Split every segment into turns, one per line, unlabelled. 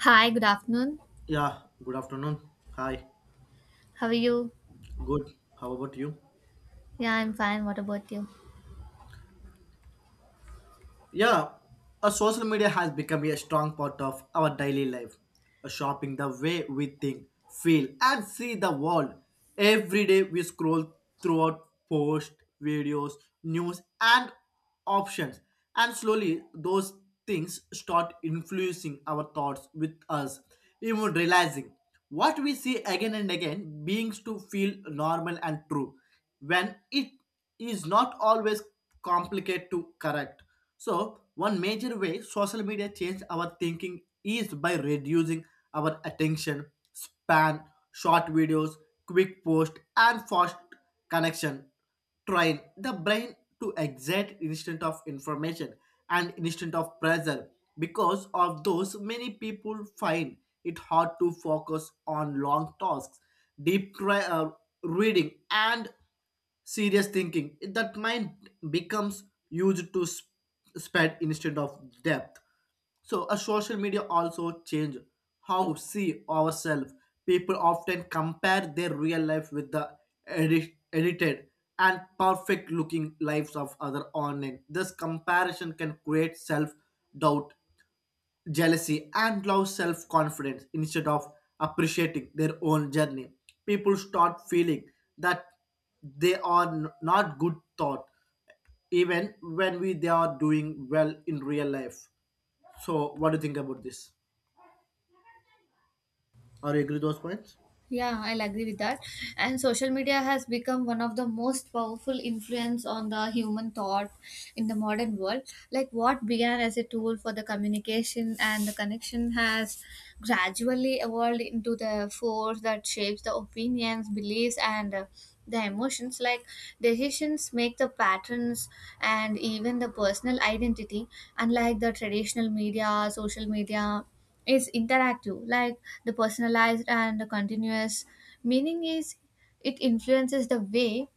Hi, good afternoon.
Yeah, good afternoon. Hi,
How are you?
good. How about you?
Yeah, I'm fine. What about you?
Yeah, a social media has become a strong part of our daily life, A shaping the way we think, feel, and see the world. Every day we scroll throughout posts, videos, news, and options, and slowly those things start influencing our thoughts with us, even realizing what we see again and again beings to feel normal and true when it is not always complicated to correct. So, one major way social media changed our thinking is by reducing our attention span, short videos, quick post, and fast connection train the brain to exact instant of information and instant of pressure. Because of those, many people find it hard to focus on long tasks, deep cri- uh, reading and serious thinking. That mind becomes used to spread instead of depth. So a social media also change how we see ourselves. People often compare their real life with the edited and perfect looking lives of other online. This comparison can create self doubt, jealousy, and low self confidence instead of appreciating their own journey. People start feeling that they are not good thought even when we they are doing well in real life. So what do you think about this? Are you agree with those points?
Yeah, I'll agree with that. And social media has become one of the most powerful influence on the human thought in the modern world. Like what began as a tool for the communication and the connection has gradually evolved into the force that shapes the opinions, beliefs, and the emotions. Like decisions make the patterns and even the personal identity. Unlike the traditional media, social media it's interactive, like the personalized and the continuous. Meaning is it influences the way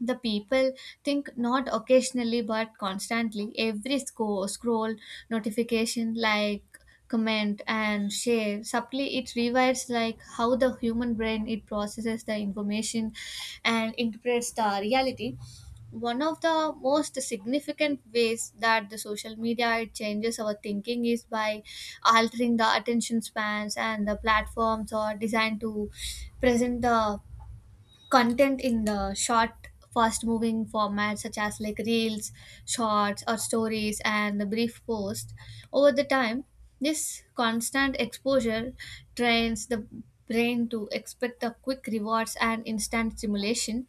the people think not occasionally but constantly. Every scroll, notification, like comment and share subtly it rewires like how the human brain it processes the information and interprets the reality. One of the most significant ways that the social media it changes our thinking is by altering the attention spans, and the platforms are designed to present the content in the short fast moving formats such as like reels, shorts, or stories and the brief post. Over the time, this constant exposure trains the brain to expect the quick rewards and instant stimulation.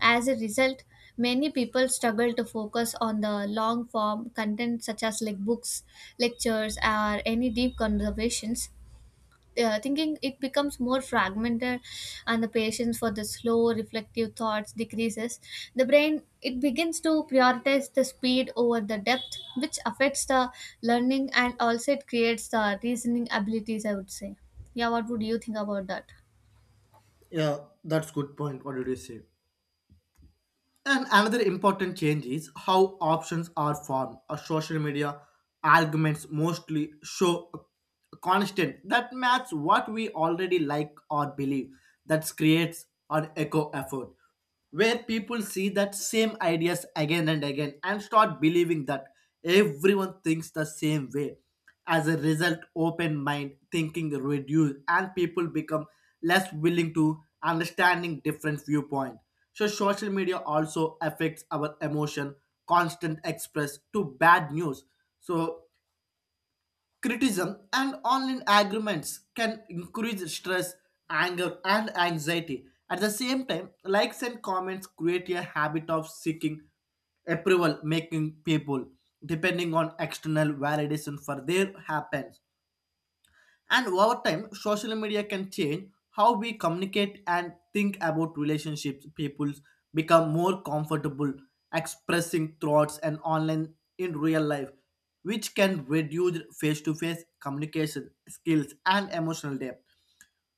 As a result, many people struggle to focus on the long form content such as like books, lectures, or any deep conversations. Thinking it becomes more fragmented and the patience for the slow reflective thoughts decreases. The brain it begins to prioritize the speed over the depth, which affects the learning and also it creates the reasoning abilities, I would say. Yeah, what would you think about that?
Yeah, that's good point. What did you say? And another important change is how options are formed. A social media arguments mostly show a constant that match what we already like or believe. That creates an echo effort where people see that same ideas again and again and start believing that everyone thinks the same way. As a result, open mind thinking reduce, and people become less willing to understanding different viewpoint. So social media also affects our emotion, constant express to bad news. So criticism and online agreements can increase stress, anger, and anxiety. At the same time, likes and comments create a habit of seeking approval, making people depending on external validation for their happens. And over time, social media can change how we communicate and think about relationships. People become more comfortable expressing thoughts and online in real life, which can reduce face to face communication skills and emotional depth.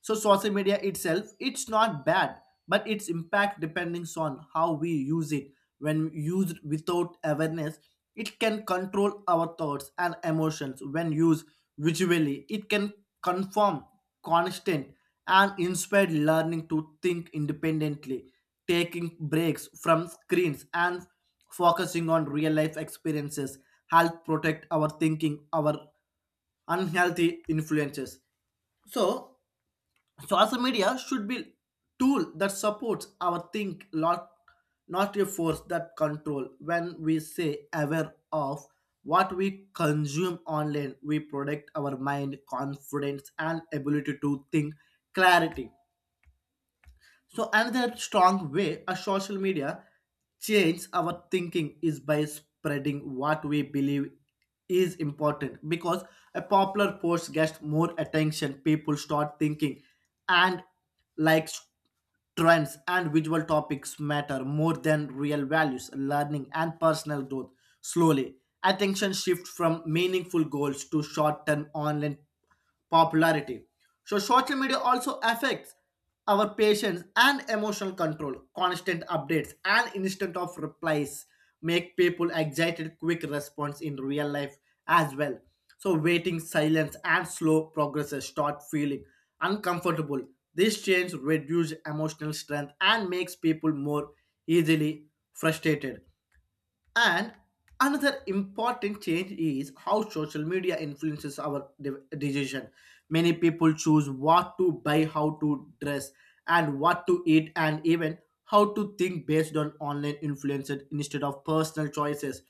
So social media itself it's not bad, but its impact depends on how we use it. When used without awareness, it can control our thoughts and emotions. When used visually, it can confirm constant and inspire learning to think independently. Taking breaks from screens and focusing on real life experiences help protect our thinking our unhealthy influences. So social media should be tool that supports our think lot, not a force that control. When we say aware of what we consume online, we protect our mind, confidence, and ability to think clarity. So another strong way a social media change our thinking is by spreading what we believe is important. Because a popular post gets more attention, people start thinking, and likes, trends, and visual topics matter more than real values, learning, and personal growth. Slowly, attention shifts from meaningful goals to short-term online popularity. So social media also affects our patience and emotional control. Constant updates and instant of replies make people excited quick response in real life as well. So waiting, silence, and slow progresses start feeling uncomfortable. This change reduces emotional strength and makes people more easily frustrated. And another important change is how social media influences our decision. Many people choose what to buy, how to dress, and what to eat, and even how to think based on online influences instead of personal choices.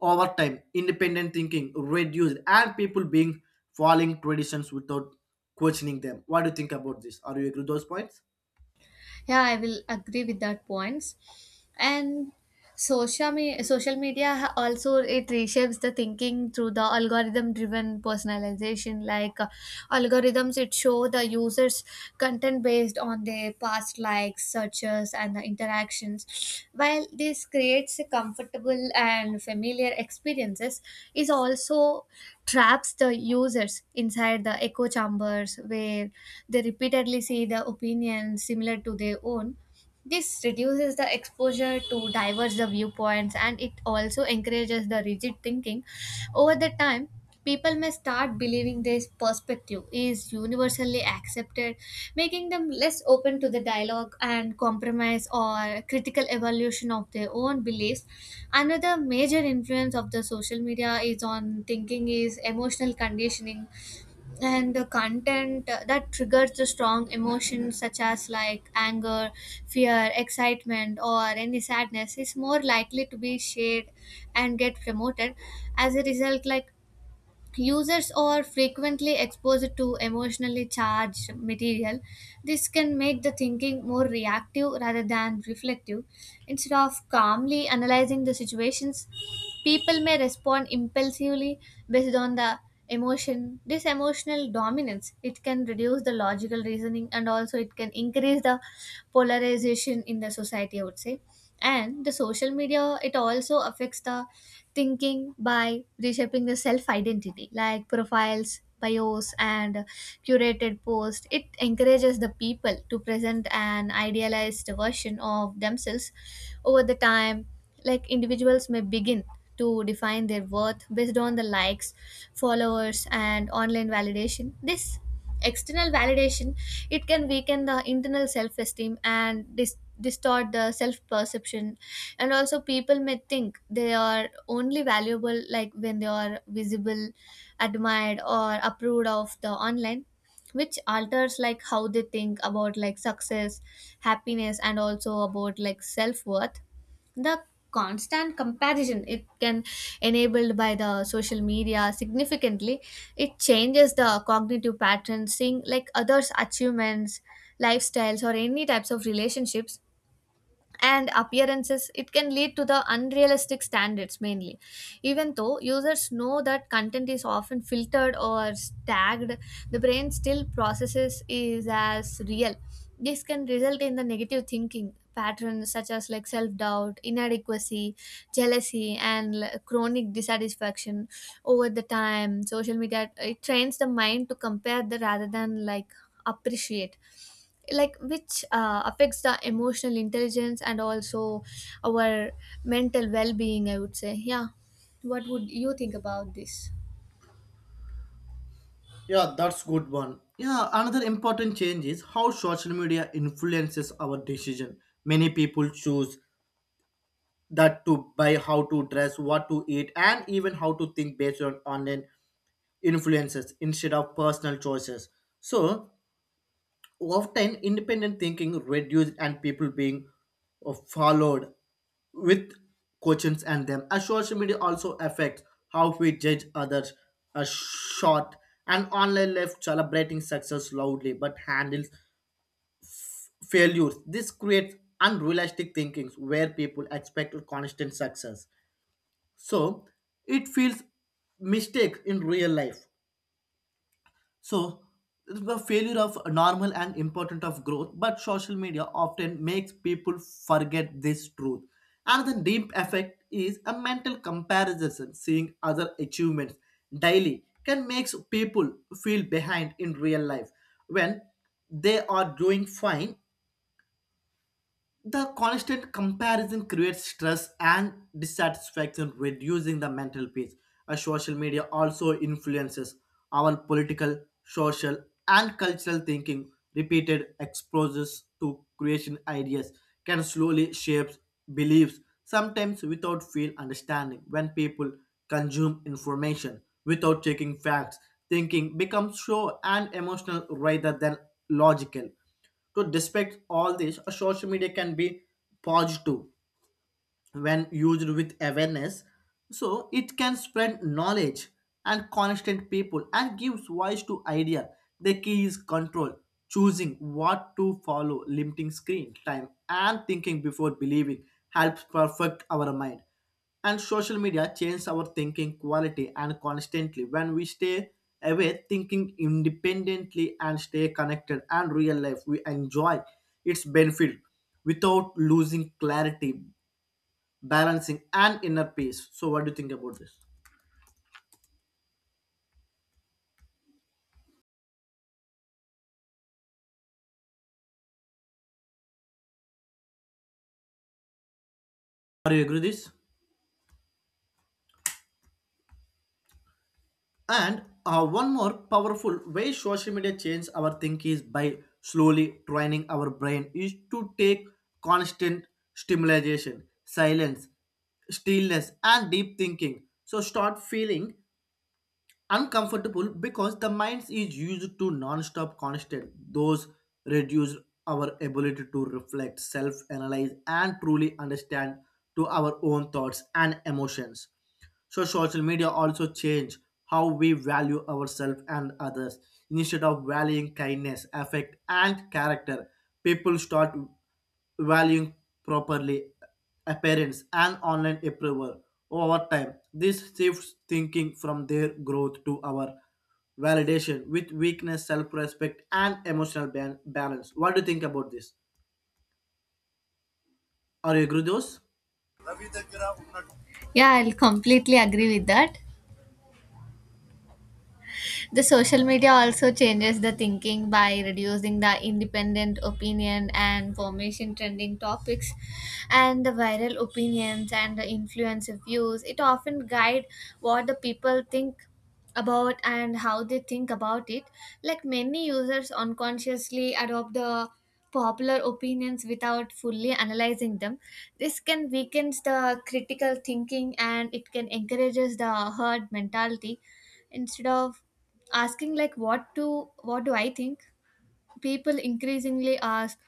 Over time, independent thinking reduced, and people being following traditions without questioning them. What do you think about this? Are you agree with those points?
Yeah, I will agree with that points. And social media also it reshapes the thinking through the algorithm driven personalization, like algorithms it show the users content based on their past likes, like searches and the interactions. While this creates a comfortable and familiar experiences, it also traps the users inside the echo chambers where they repeatedly see the opinions similar to their own. This reduces the exposure to diverse the viewpoints, and it also encourages the rigid thinking. Over the time, people may start believing this perspective is universally accepted, making them less open to the dialogue and compromise or critical evaluation of their own beliefs. Another major influence of the social media is on thinking is emotional conditioning, and the content that triggers the strong emotions such as like anger, fear, excitement, or any sadness is more likely to be shared and get promoted. As a result, like users are frequently exposed to emotionally charged material. This can make the thinking more reactive rather than reflective. Instead of calmly analyzing the situations, people may respond impulsively based on the emotion. This emotional dominance it can reduce the logical reasoning and also it can increase the polarization in the society, I would say. And the social media it also affects the thinking by reshaping the self identity, like profiles, bios, and curated post. It encourages the people to present an idealized version of themselves over the time. Like individuals may begin to define their worth based on the likes, followers, and online validation. This external validation it can weaken the internal self-esteem and distort the self-perception, and also people may think they are only valuable like when they are visible, admired, or approved of the online, which alters like how they think about like success, happiness, and also about like self-worth. The constant comparison it can enabled by the social media significantly it changes the cognitive patterns. Seeing like others achievements, lifestyles, or any types of relationships and appearances, it can lead to the unrealistic standards mainly. Even though users know that content is often filtered or tagged, the brain still processes is as real. This can result in the negative thinking patterns such as like self-doubt, inadequacy, jealousy, and chronic dissatisfaction. Over the time, social media it trains the mind to compare the rather than like appreciate, like which affects the emotional intelligence and also our mental well-being, I would say. Yeah, what would you think about this?
Yeah, that's good one. Yeah, another important change is how social media influences our decision. Many people choose that to buy, how to dress, what to eat, and even how to think based on online influences instead of personal choices. So often independent thinking reduced and people being followed with questions and them. As social media also affects how we judge others. A short and online life celebrating success loudly but handles failures. This creates unrealistic thinkings where people expect constant success. So it feels mistake in real life. So the failure of normal and important of growth, but social media often makes people forget this truth. Another deep effect is a mental comparison. Seeing other achievements daily can make people feel behind in real life when they are doing fine. The constant comparison creates stress and dissatisfaction, reducing the mental peace. Social media also influences our political, social, and cultural thinking. Repeated exposures to creation ideas can slowly shape beliefs, sometimes without full understanding. When people consume information without checking facts, thinking becomes show and emotional rather than logical. To despite all this, a social media can be positive when used with awareness. So it can spread knowledge and constant people and gives voice to idea. The key is control, choosing what to follow, limiting screen time, and thinking before believing helps perfect our mind. And social media changes our thinking quality and constantly. When we stay away thinking independently and stay connected and real life, we enjoy its benefit without losing clarity, balancing, and inner peace. So what do you think about this? Are you agree with this? And one more powerful way social media changes our thinking is by slowly training our brain is to take constant stimulation, silence, stillness, and deep thinking. So start feeling uncomfortable because the mind is used to non-stop constant. Those reduce our ability to reflect, self-analyze, and truly understand to our own thoughts and emotions. So social media also changed how we value ourselves and others. Instead of valuing kindness, affect, and character, people start valuing properly appearance and online approval over time. This shifts thinking from their growth to our validation with weakness, self-respect, and emotional balance. What do you think about this? Are you agree with those?
Yeah, I'll completely agree with that. The social media also changes the thinking by reducing the independent opinion and formation trending topics and the viral opinions and the influencer views. It often guide what the people think about and how they think about it. Like many users unconsciously adopt the popular opinions without fully analyzing them. This can weaken the critical thinking, and it can encourages the herd mentality. Instead of asking like what do I think, people increasingly ask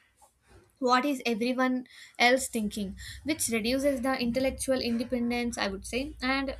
what is everyone else thinking, which reduces the intellectual independence, I would say. And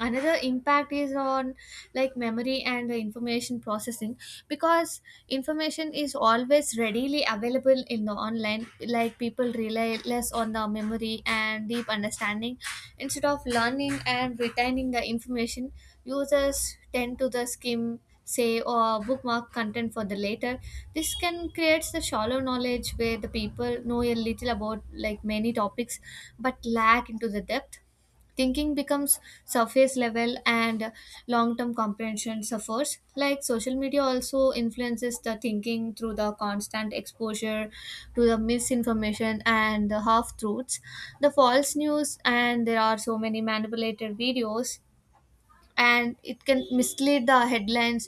another impact is on like memory and the information processing. Because information is always readily available in the online, like people rely less on the memory and deep understanding. Instead of learning and retaining the information, users tend to the skim, say, or bookmark content for the later. This can creates the shallow knowledge where the people know a little about like many topics but lack into the depth. Thinking becomes surface level, and long term comprehension suffers. Like social media also influences the thinking through the constant exposure to the misinformation and the half truths. The false news and there are so many manipulated videos, and it can mislead the headlines.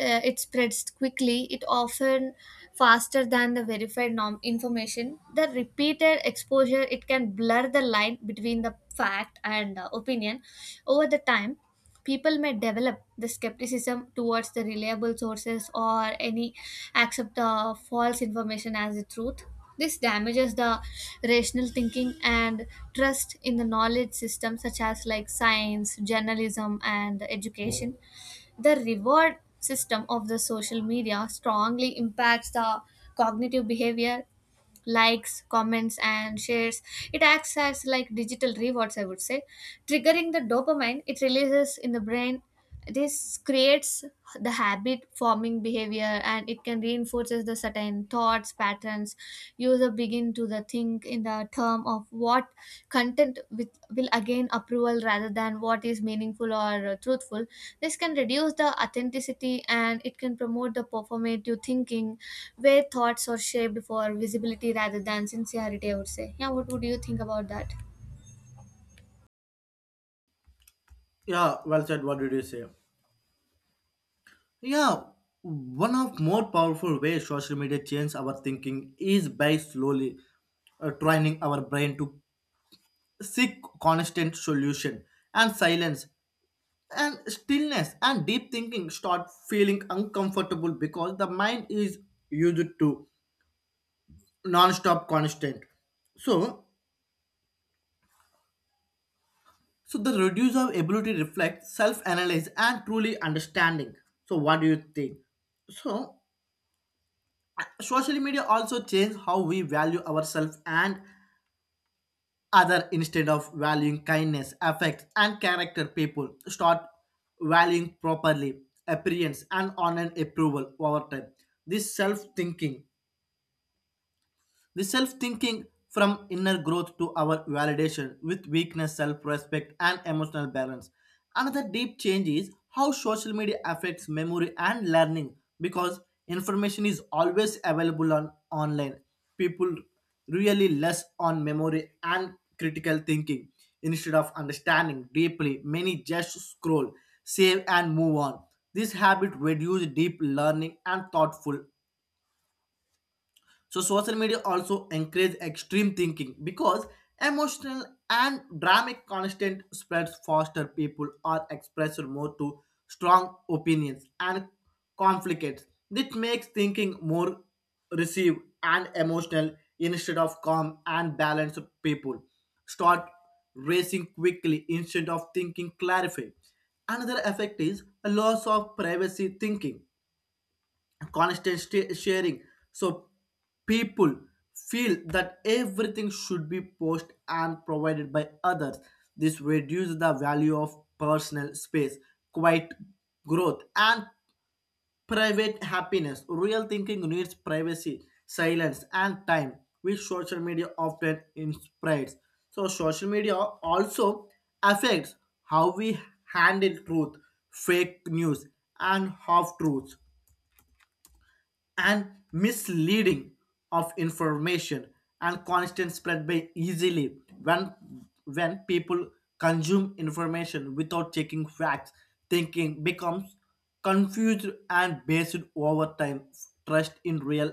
It spreads quickly. It often faster than the verified norm information. The repeated exposure it can blur the line between the fact and opinion. Over the time, people may develop the skepticism towards the reliable sources or any accept the false information as the truth. This damages the rational thinking and trust in the knowledge system such as like science, journalism, and education. The reward system of the social media strongly impacts the cognitive behavior. Likes, comments, and shares, it acts as like digital rewards, I would say, triggering the dopamine it releases in the brain. This creates the habit forming behavior, and it can reinforces the certain thoughts patterns. User begin to the think in the term of what content with, will again approval rather than what is meaningful or truthful. This can reduce the authenticity, and it can promote the performative thinking where thoughts are shaped for visibility rather than sincerity, I would say. Yeah, what would you think about that?
Yeah, well said. What did you say? Yeah, one of more powerful ways social media change our thinking is by slowly training our brain to seek constant solution and silence and stillness, and deep thinking start feeling uncomfortable because the mind is used to non-stop constant. So, so the reduce of ability reflect self-analyze and truly understanding. So, what do you think? So, social media also change how we value ourselves and other. Instead of valuing kindness, affect, and character, people start valuing properly appearance and online approval over time. This self thinking the self thinking from inner growth to our validation with weakness, self respect, and emotional balance. Another deep change is how social media affects memory and learning. Because information is always available on online, people really less on memory and critical thinking instead of understanding deeply. Many just scroll, save, and move on. This habit reduces deep learning and thoughtful. So social media also encourage extreme thinking because emotional and dramatic content spreads faster. People are expressed more to strong opinions and conflicts. This makes thinking more receive and emotional instead of calm and balanced people. Start racing quickly instead of thinking clarify. Another effect is a loss of privacy thinking, constant sharing. So people feel that everything should be posted and provided by others. This reduces the value of personal space, quiet growth, and private happiness. Real thinking needs privacy, silence, and time, which social media often inspires. So social media also affects how we handle truth, fake news, and half truths and misleading of information and constant spread by easily. When people consume information without checking facts, thinking becomes confused and based over time. Trust in real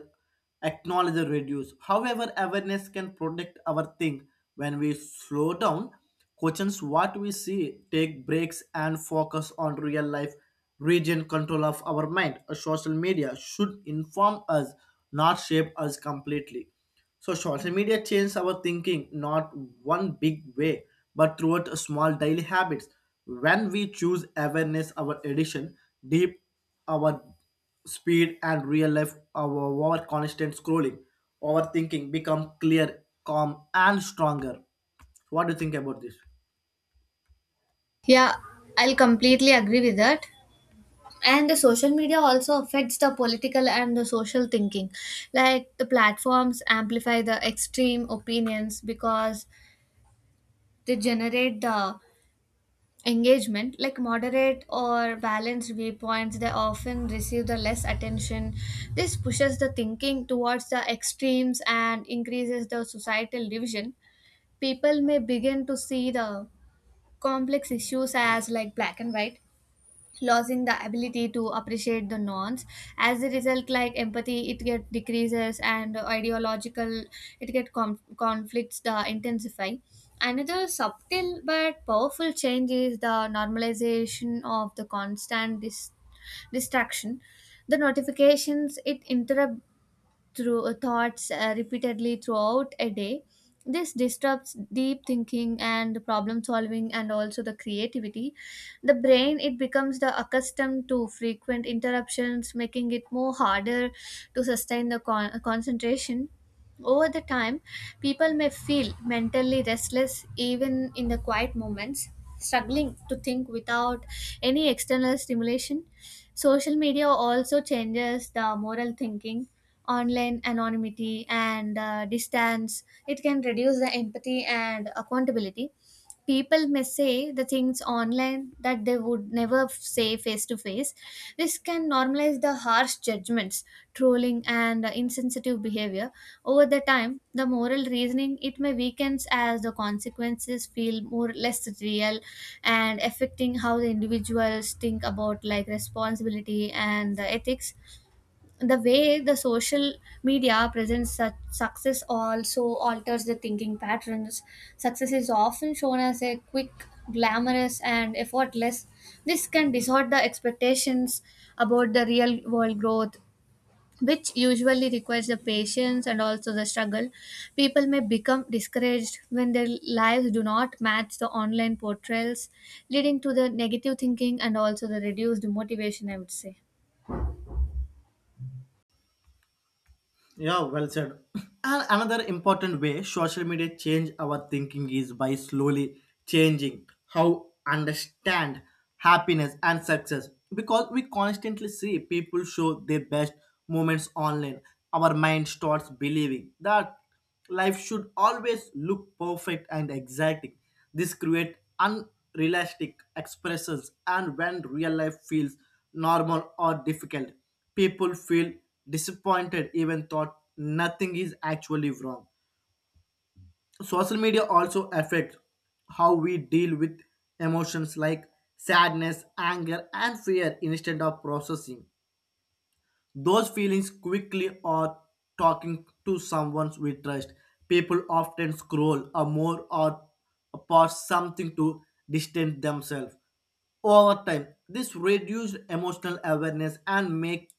acknowledge the reduce. However, awareness can protect our thing. When we slow down, questions what we see, take breaks, and focus on real life, region control of our mind. A social media should inform us, not shape us completely. So social media changes our thinking not one big way, but throughout a small daily habits. When we choose awareness, our addiction, deep our speed, and real life over constant scrolling, overthinking become clear, calm, and stronger. What do you think about this?
Yeah, I'll completely agree with that. And the social media also affects the political and the social thinking. Like the platforms amplify the extreme opinions because they generate the engagement. Like moderate or balanced viewpoints they often receive the less attention. This pushes the thinking towards the extremes and increases the societal division. People may begin to see the complex issues as like black and white, losing the ability to appreciate the norms. As a result, like empathy it get decreases and ideological it conflicts the intensify. Another subtle but powerful change is the normalization of the constant distraction. The notifications it interrupt through thoughts repeatedly throughout a day. This disrupts deep thinking and problem solving and also the creativity. The brain it becomes the accustomed to frequent interruptions, making it more harder to sustain the concentration. Over the time, people may feel mentally restless even in the quiet moments, struggling to think without any external stimulation. Social media also changes the moral thinking. Online anonymity and distance it can reduce the empathy and accountability. People may say the things online that they would never say face to face. This can normalize the harsh judgments, trolling, and insensitive behavior. Over the time, the moral reasoning it may weakens as the consequences feel more less real, and affecting how the individuals think about like responsibility and the ethics. The way the social media presents such success also alters the thinking patterns. Success is often shown as a quick, glamorous, and effortless. This can distort the expectations about the real world growth, which usually requires the patience and also the struggle. People may become discouraged when their lives do not match the online portrayals, leading to the negative thinking and also the reduced motivation, I would say.
Yeah, well said. And another important way social media change our thinking is by slowly changing how understand happiness and success. Because we constantly see people show their best moments online, our mind starts believing that life should always look perfect and exacting. This creates unrealistic expressions, and when real life feels normal or difficult, people feel disappointed, even thought nothing is actually wrong. Social media also affects how we deal with emotions like sadness, anger, and fear instead of processing those feelings quickly or talking to someone we trust. People often scroll or more or pause something to distance themselves. Over time, this reduced emotional awareness and makes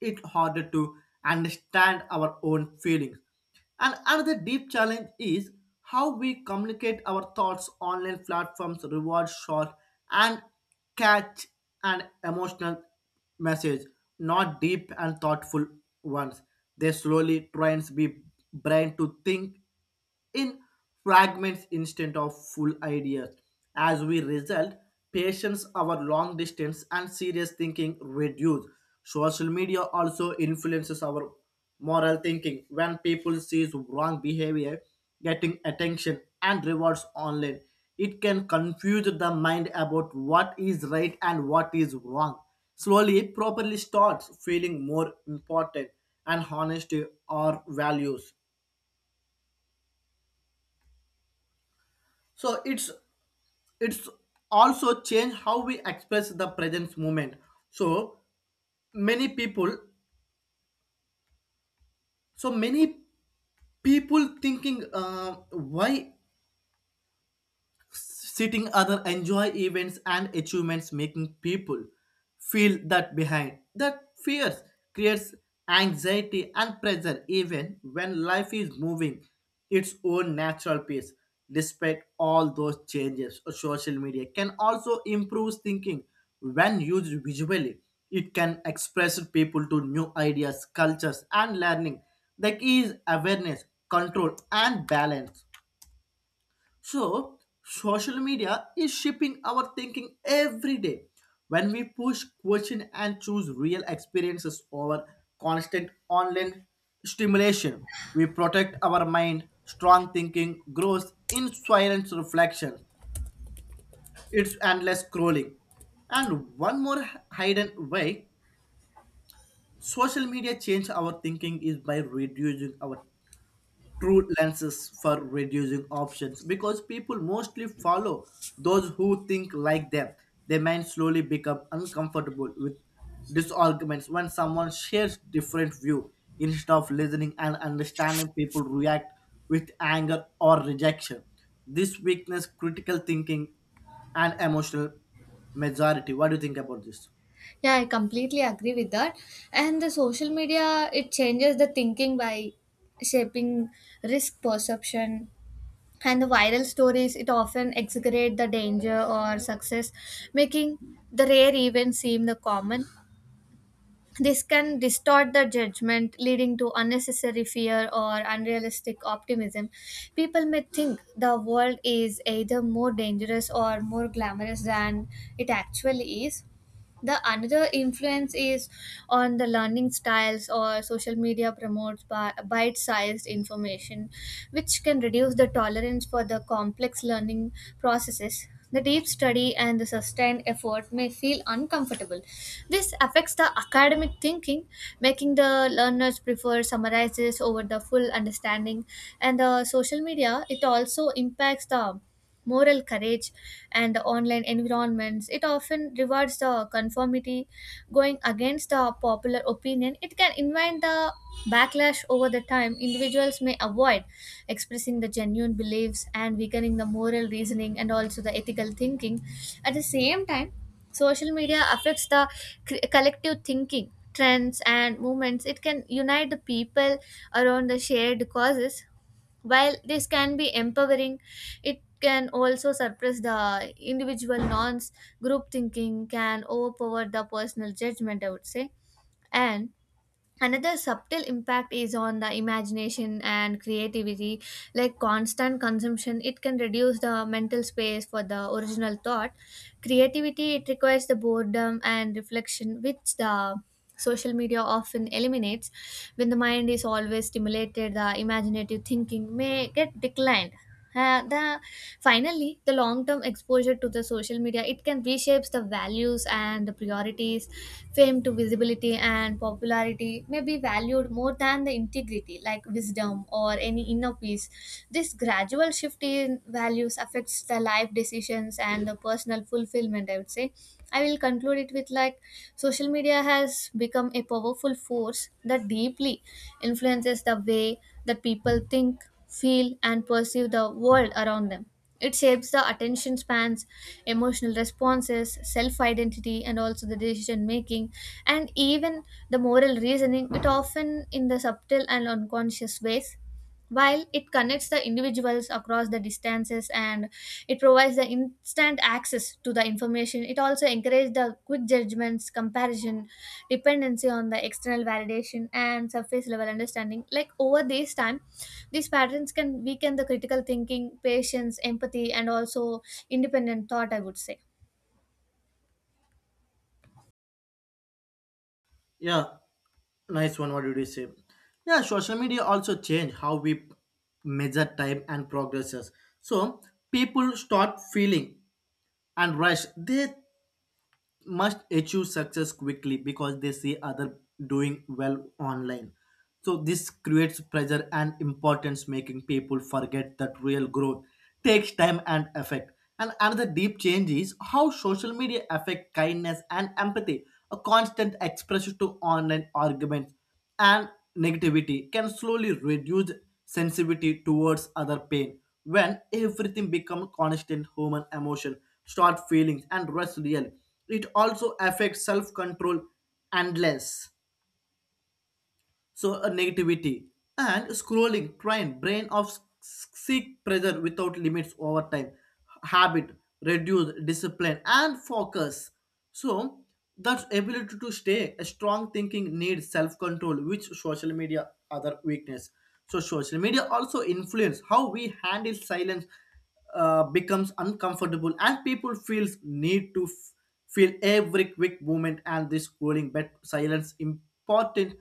it harder to understand our own feelings. And another deep challenge is how we communicate our thoughts. Online platforms reward short and catch an emotional message, not deep and thoughtful ones. They slowly trains the brain to think in fragments instead of full ideas. As we result, patience, our long distance, and serious thinking reduce. Social media also influences our moral thinking. When people sees wrong behavior getting attention and rewards online, it can confuse the mind about what is right and what is wrong. Slowly, it properly starts feeling more important and honesty or values. So it's also change how we express the presence moment. So many people so many people thinking why sitting other enjoy events and achievements, making people feel that behind that fears creates anxiety and pressure even when life is moving its own natural pace. Despite all those changes, social media can also improve thinking when used visually. It can express people to new ideas, cultures, and learning. The key is awareness, control, and balance. So, social media is shaping our thinking every day. When we push, question, and choose real experiences over constant online stimulation, we protect our mind. Strong thinking grows in silence reflection. It's endless scrolling. And one more hidden way social media change our thinking is by reducing our true lenses for reducing options. Because people mostly follow those who think like them, they might slowly become uncomfortable with disarguments. When someone shares different view instead of listening and understanding, people react with anger or rejection. This weakness, critical thinking, and emotional majority. What do you think about this?
Yeah, I completely agree with that. And the social media, it changes the thinking by shaping risk perception. And the viral stories, it often exaggerate the danger or success, making the rare events seem the common. This can distort the judgment, leading to unnecessary fear or unrealistic optimism. People may think the world is either more dangerous or more glamorous than it actually is. The another influence is on the learning styles, or social media promotes bite-sized information, which can reduce the tolerance for the complex learning processes. The deep study and the sustained effort may feel uncomfortable. This affects the academic thinking, making the learners prefer summarizes over the full understanding. And the social media it also impacts the moral courage, and the online environments it often rewards the conformity. Going against the popular opinion it can invite the backlash. Over the time, individuals may avoid expressing the genuine beliefs and weakening the moral reasoning and also the ethical thinking. At the same time, social media affects the collective thinking. Trends and movements it can unite the people around the shared causes. While this can be empowering, it can also suppress the individual norms. Group thinking can overpower the personal judgment, I would say. And another subtle impact is on the imagination and creativity. Like constant consumption it can reduce the mental space for the original thought. Creativity it requires the boredom and reflection, which the social media often eliminates. When the mind is always stimulated, the imaginative thinking may get declined. The Finally, the long-term exposure to the social media it can reshapes the values and the priorities. Fame to visibility and popularity may be valued more than the integrity, like wisdom or any inner peace. This gradual shift in values affects the life decisions and the personal fulfillment, I would say. I will conclude it with like social media has become a powerful force that deeply influences the way that people think, feel, and perceive the world around them. It shapes the attention spans, emotional responses, self identity, and also the decision making, and even the moral reasoning, it often in the subtle and unconscious ways. While it connects the individuals across the distances and it provides the instant access to the information, it also encourages the quick judgments, comparison, dependency on the external validation, and surface level understanding. Like over this time, these patterns can weaken the critical thinking, patience, empathy, and also independent thought, I would say.
Yeah, nice one. What did you say? Yeah, social media also change how we measure time and progresses. So people start feeling and rush. They must achieve success quickly because they see other doing well online. So this creates pressure and importance, making people forget that real growth takes time and effect. And another deep change is how social media affect kindness and empathy. A constant expression to online arguments and negativity can slowly reduce sensitivity towards other pain. When everything becomes constant, human emotion start feelings and rest real. It also affects self-control and less. So a negativity and scrolling train brain of seek pressure without limits. Over time, habit reduce discipline and focus. So that ability to stay a strong thinking needs self-control, which social media other weakness. So social media also influence how we handle silence. Becomes uncomfortable and people feels need to feel every quick movement and this scrolling. But silence important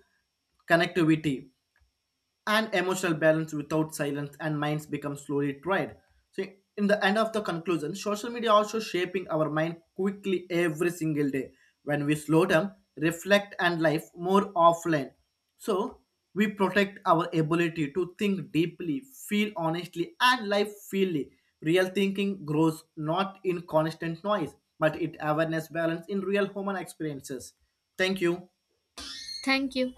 connectivity and emotional balance. Without silence, and minds become slowly tried. So in the end of the conclusion, social media also shaping our mind quickly every single day. When we slow down, reflect, and life more offline, so we protect our ability to think deeply, feel honestly, and life freely. Real thinking grows not in constant noise, but it awareness balance in real human experiences. Thank you.
Thank you.